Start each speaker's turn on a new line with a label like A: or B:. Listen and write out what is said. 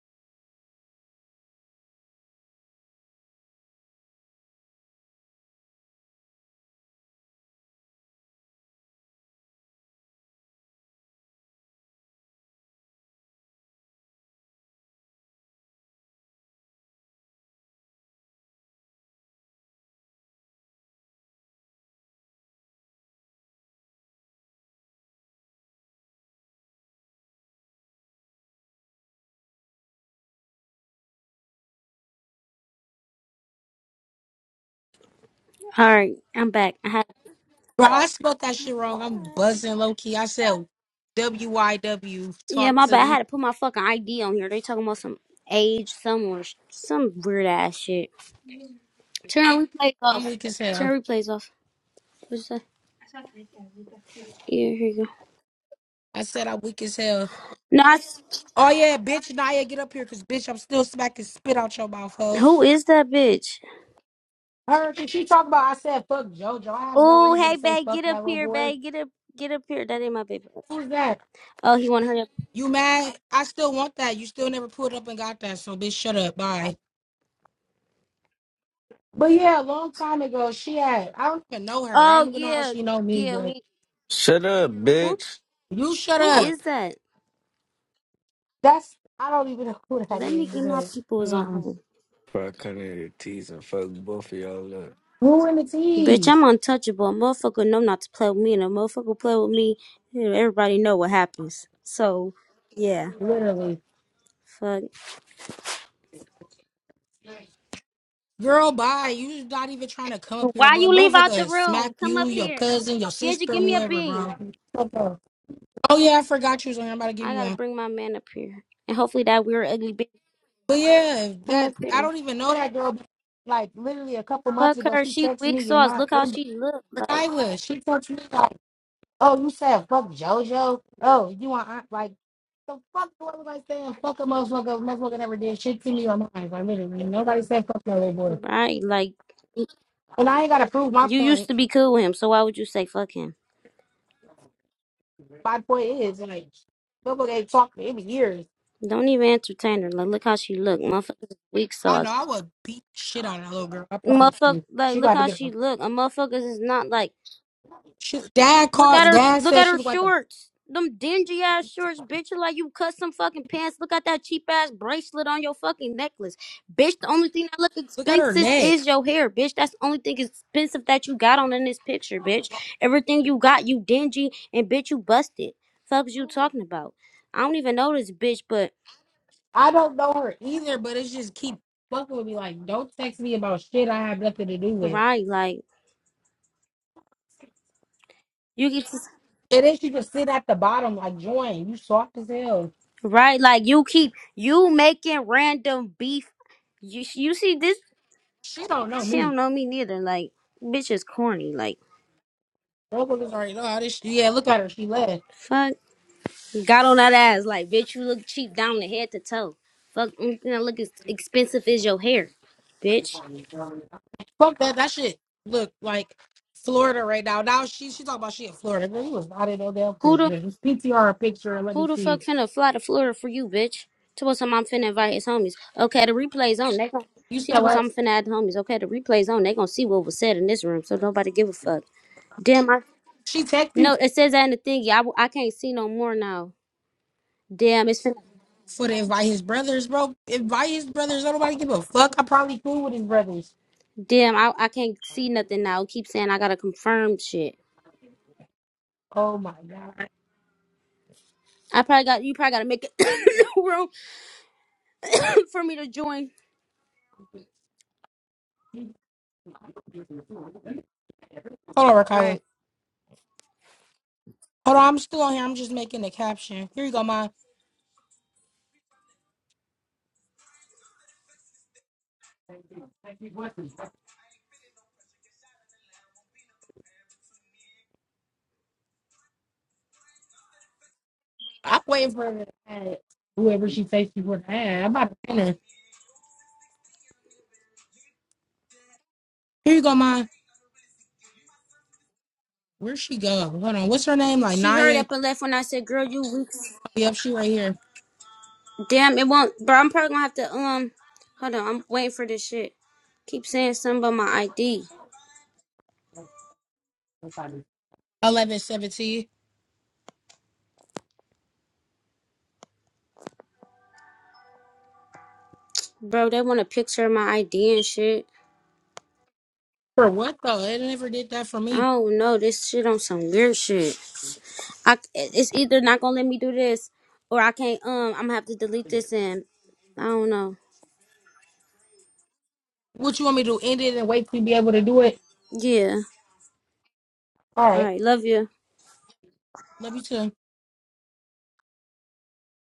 A: All right, I'm back. I had
B: Bro, I spelled that shit wrong. I'm buzzing low key. I said W Y W.
A: yeah,
B: Talk
A: my
B: to
A: bad. I had
B: me.
A: to put my fucking ID on here. They talking about some age, some or some weird ass shit. Turn replays
B: I'm
A: off.
B: weak as hell.
A: Turn replays off. What's that? Yeah, here you go.
B: I said I'm weak as hell.
A: No, I s-
B: Oh yeah, bitch, Naya, get up here, cause bitch, I'm still smacking spit out your mouth, hoe.
A: who is that bitch?
B: Her, cause she talk about. I said fuck JoJo. I have no
A: Oh,
B: reason to
A: hey,
B: say
A: babe,
B: fuck
A: get up
B: that little
A: here,
B: boy.
A: babe. Get up, get up here. That ain't my baby.
B: Who's that?
A: Oh, he want to hurry up.
B: You mad? I still want that. You still never pulled up and got that. So bitch, shut up. Bye. But yeah, a long time ago, she had. I don't even know her. I
A: Oh
B: don't even know how
A: yeah,
B: she know me,
A: yeah.
B: but
A: We,
C: Shut up,
A: who,
C: bitch.
B: you shut
A: who
B: up.
A: is that?
B: That's I don't even know who that
A: Let
B: is,
A: me get my
B: but
A: peoples
B: um,
A: on.
C: Before I come in here teasing, fuck both of y'all up.
B: who in the
A: Bitch, I'm
B: tees?
A: untouchable. Motherfucker know not to play with me, and a motherfucker play with me, everybody know what happens. So, yeah,
B: Literally,
A: fuck.
B: girl, bye. You not even trying to come up here,
A: Why
B: but
A: you leave out the
B: motherfucker, smack
A: room? Come
B: you,
A: up
B: your
A: here.
B: cousin, your
A: Did you
B: sister,
A: give me a
B: whoever,
A: bean?
B: bro. Fuck off. Oh yeah, I forgot you was on. here. I'm about to give
A: I
B: you
A: gotta
B: one.
A: bring my man up here, and hopefully that weird ugly bitch
B: But yeah,
A: come
B: that
A: up
B: I
A: here.
B: don't even know that girl. But like literally a couple months
A: Fuck
B: ago,
A: her.
B: she
A: She
B: texted
A: weak
B: me in
A: sauce.
B: my
A: Look how
B: in
A: she look like.
B: Kyla. She texted me like. Oh, you said fuck JoJo? Oh, you want aunt like the fuck do I look like saying fuck a motherfucker? Motherfucker never did shit to me on mine. Like literally, nobody said fuck no little boy.
A: Right, like
B: And I ain't gotta prove my
A: you used
B: point.
A: to be cool with him, so why would you say fuck him?
B: My point is like motherfucker ain't talked to him in years.
A: Don't even entertain her. Like, look how she look, motherfucker. Weak
B: I know
A: sauce.
B: I would beat shit on that little girl. I promise
A: Motherfucker,
B: you.
A: like
B: She
A: look
B: got to
A: how
B: get
A: she
B: her.
A: look. A motherfuckers is not like
B: She, dad
A: look at
B: called.
A: her.
B: Dad
A: Look
B: said
A: at
B: she
A: her
B: looked like a.
A: shorts. Them dingy ass shorts, bitch. You Like you cut some fucking pants. Look at that cheap ass bracelet on your fucking necklace, bitch. The only thing that look
B: Look at her
A: expensive
B: neck.
A: is your hair, bitch. That's the only thing expensive that you got on in this picture, bitch. Everything you got, you dingy and bitch, you busted. Fuck is you talking about? I don't even know this bitch, but
B: I don't know her either, but it's just keep fucking with me. Like, don't text me about shit I have nothing to do with.
A: right, like you get. to.
B: And then she just sit at the bottom like, join, you soft as hell.
A: Right? Like you keep you making random beef. You you see this?
B: She don't know
A: She
B: me.
A: don't know me neither. Like bitch is corny. Like
B: Motherfuckers already know how this shit. Yeah, look at her. She left.
A: fuck. Got on that ass. Like bitch, you look cheap down the head to toe. Fuck, mm, you know, look as expensive as your hair, bitch.
B: Fuck that. That shit. Look like Florida right now. Now she she talking about she in Florida. Girl, you was not in no damn
A: Who the
B: Florida. PTR a picture and let
A: who
B: me
A: the fuck
B: see.
A: finna fly to Florida for you, bitch? Tell us I'm finna invite his homies. Okay, the replay's on. They gon'
B: You
A: she
B: said
A: told us
B: what?
A: I'm finna add homies. Okay, the replay's on. They gonna see what was said in this room, so nobody give a fuck. Damn, I
B: She
A: No,
B: texted
A: it says that in the thingy. I, w- I can't see no more now. Damn, it's fin-
B: for to invite his brothers, bro. Invite his brothers. Don't nobody give a fuck. I probably cool with his brothers.
A: damn. I I can't see nothing now. It keep saying I gotta confirm shit.
B: Oh my god.
A: I probably got you. Probably gotta make it room for me to join.
B: Hold on,
A: All
B: Rakyla.
A: right.
B: Hold on, I'm still on here. I'm just making the caption. Here you go, ma. I'm waiting for her to add whoever she thinks she would add. I'm about to finish. Here you go, ma. Where'd she go? Hold on. What's her name? Like
A: She hurried
B: Naya?
A: up and left when I said, "Girl, you weak."
B: Oh, yep, she right here.
A: Damn, it won't, bro. I'm probably gonna have to um. Hold on, I'm waiting for this shit. Keep saying something about my ID,
B: Eleven seventeen.
A: bro. They want a picture of my ID and shit.
B: For what though? It never did that for
A: I
B: me.
A: don't know. This shit on some weird shit. I it's either not gonna let me do this or I can't um I'm gonna have to delete this and I don't know.
B: What you want me to do? End it and wait to be able to do it?
A: Yeah.
B: All
A: All
B: right.
A: right, love you.
B: Love you too.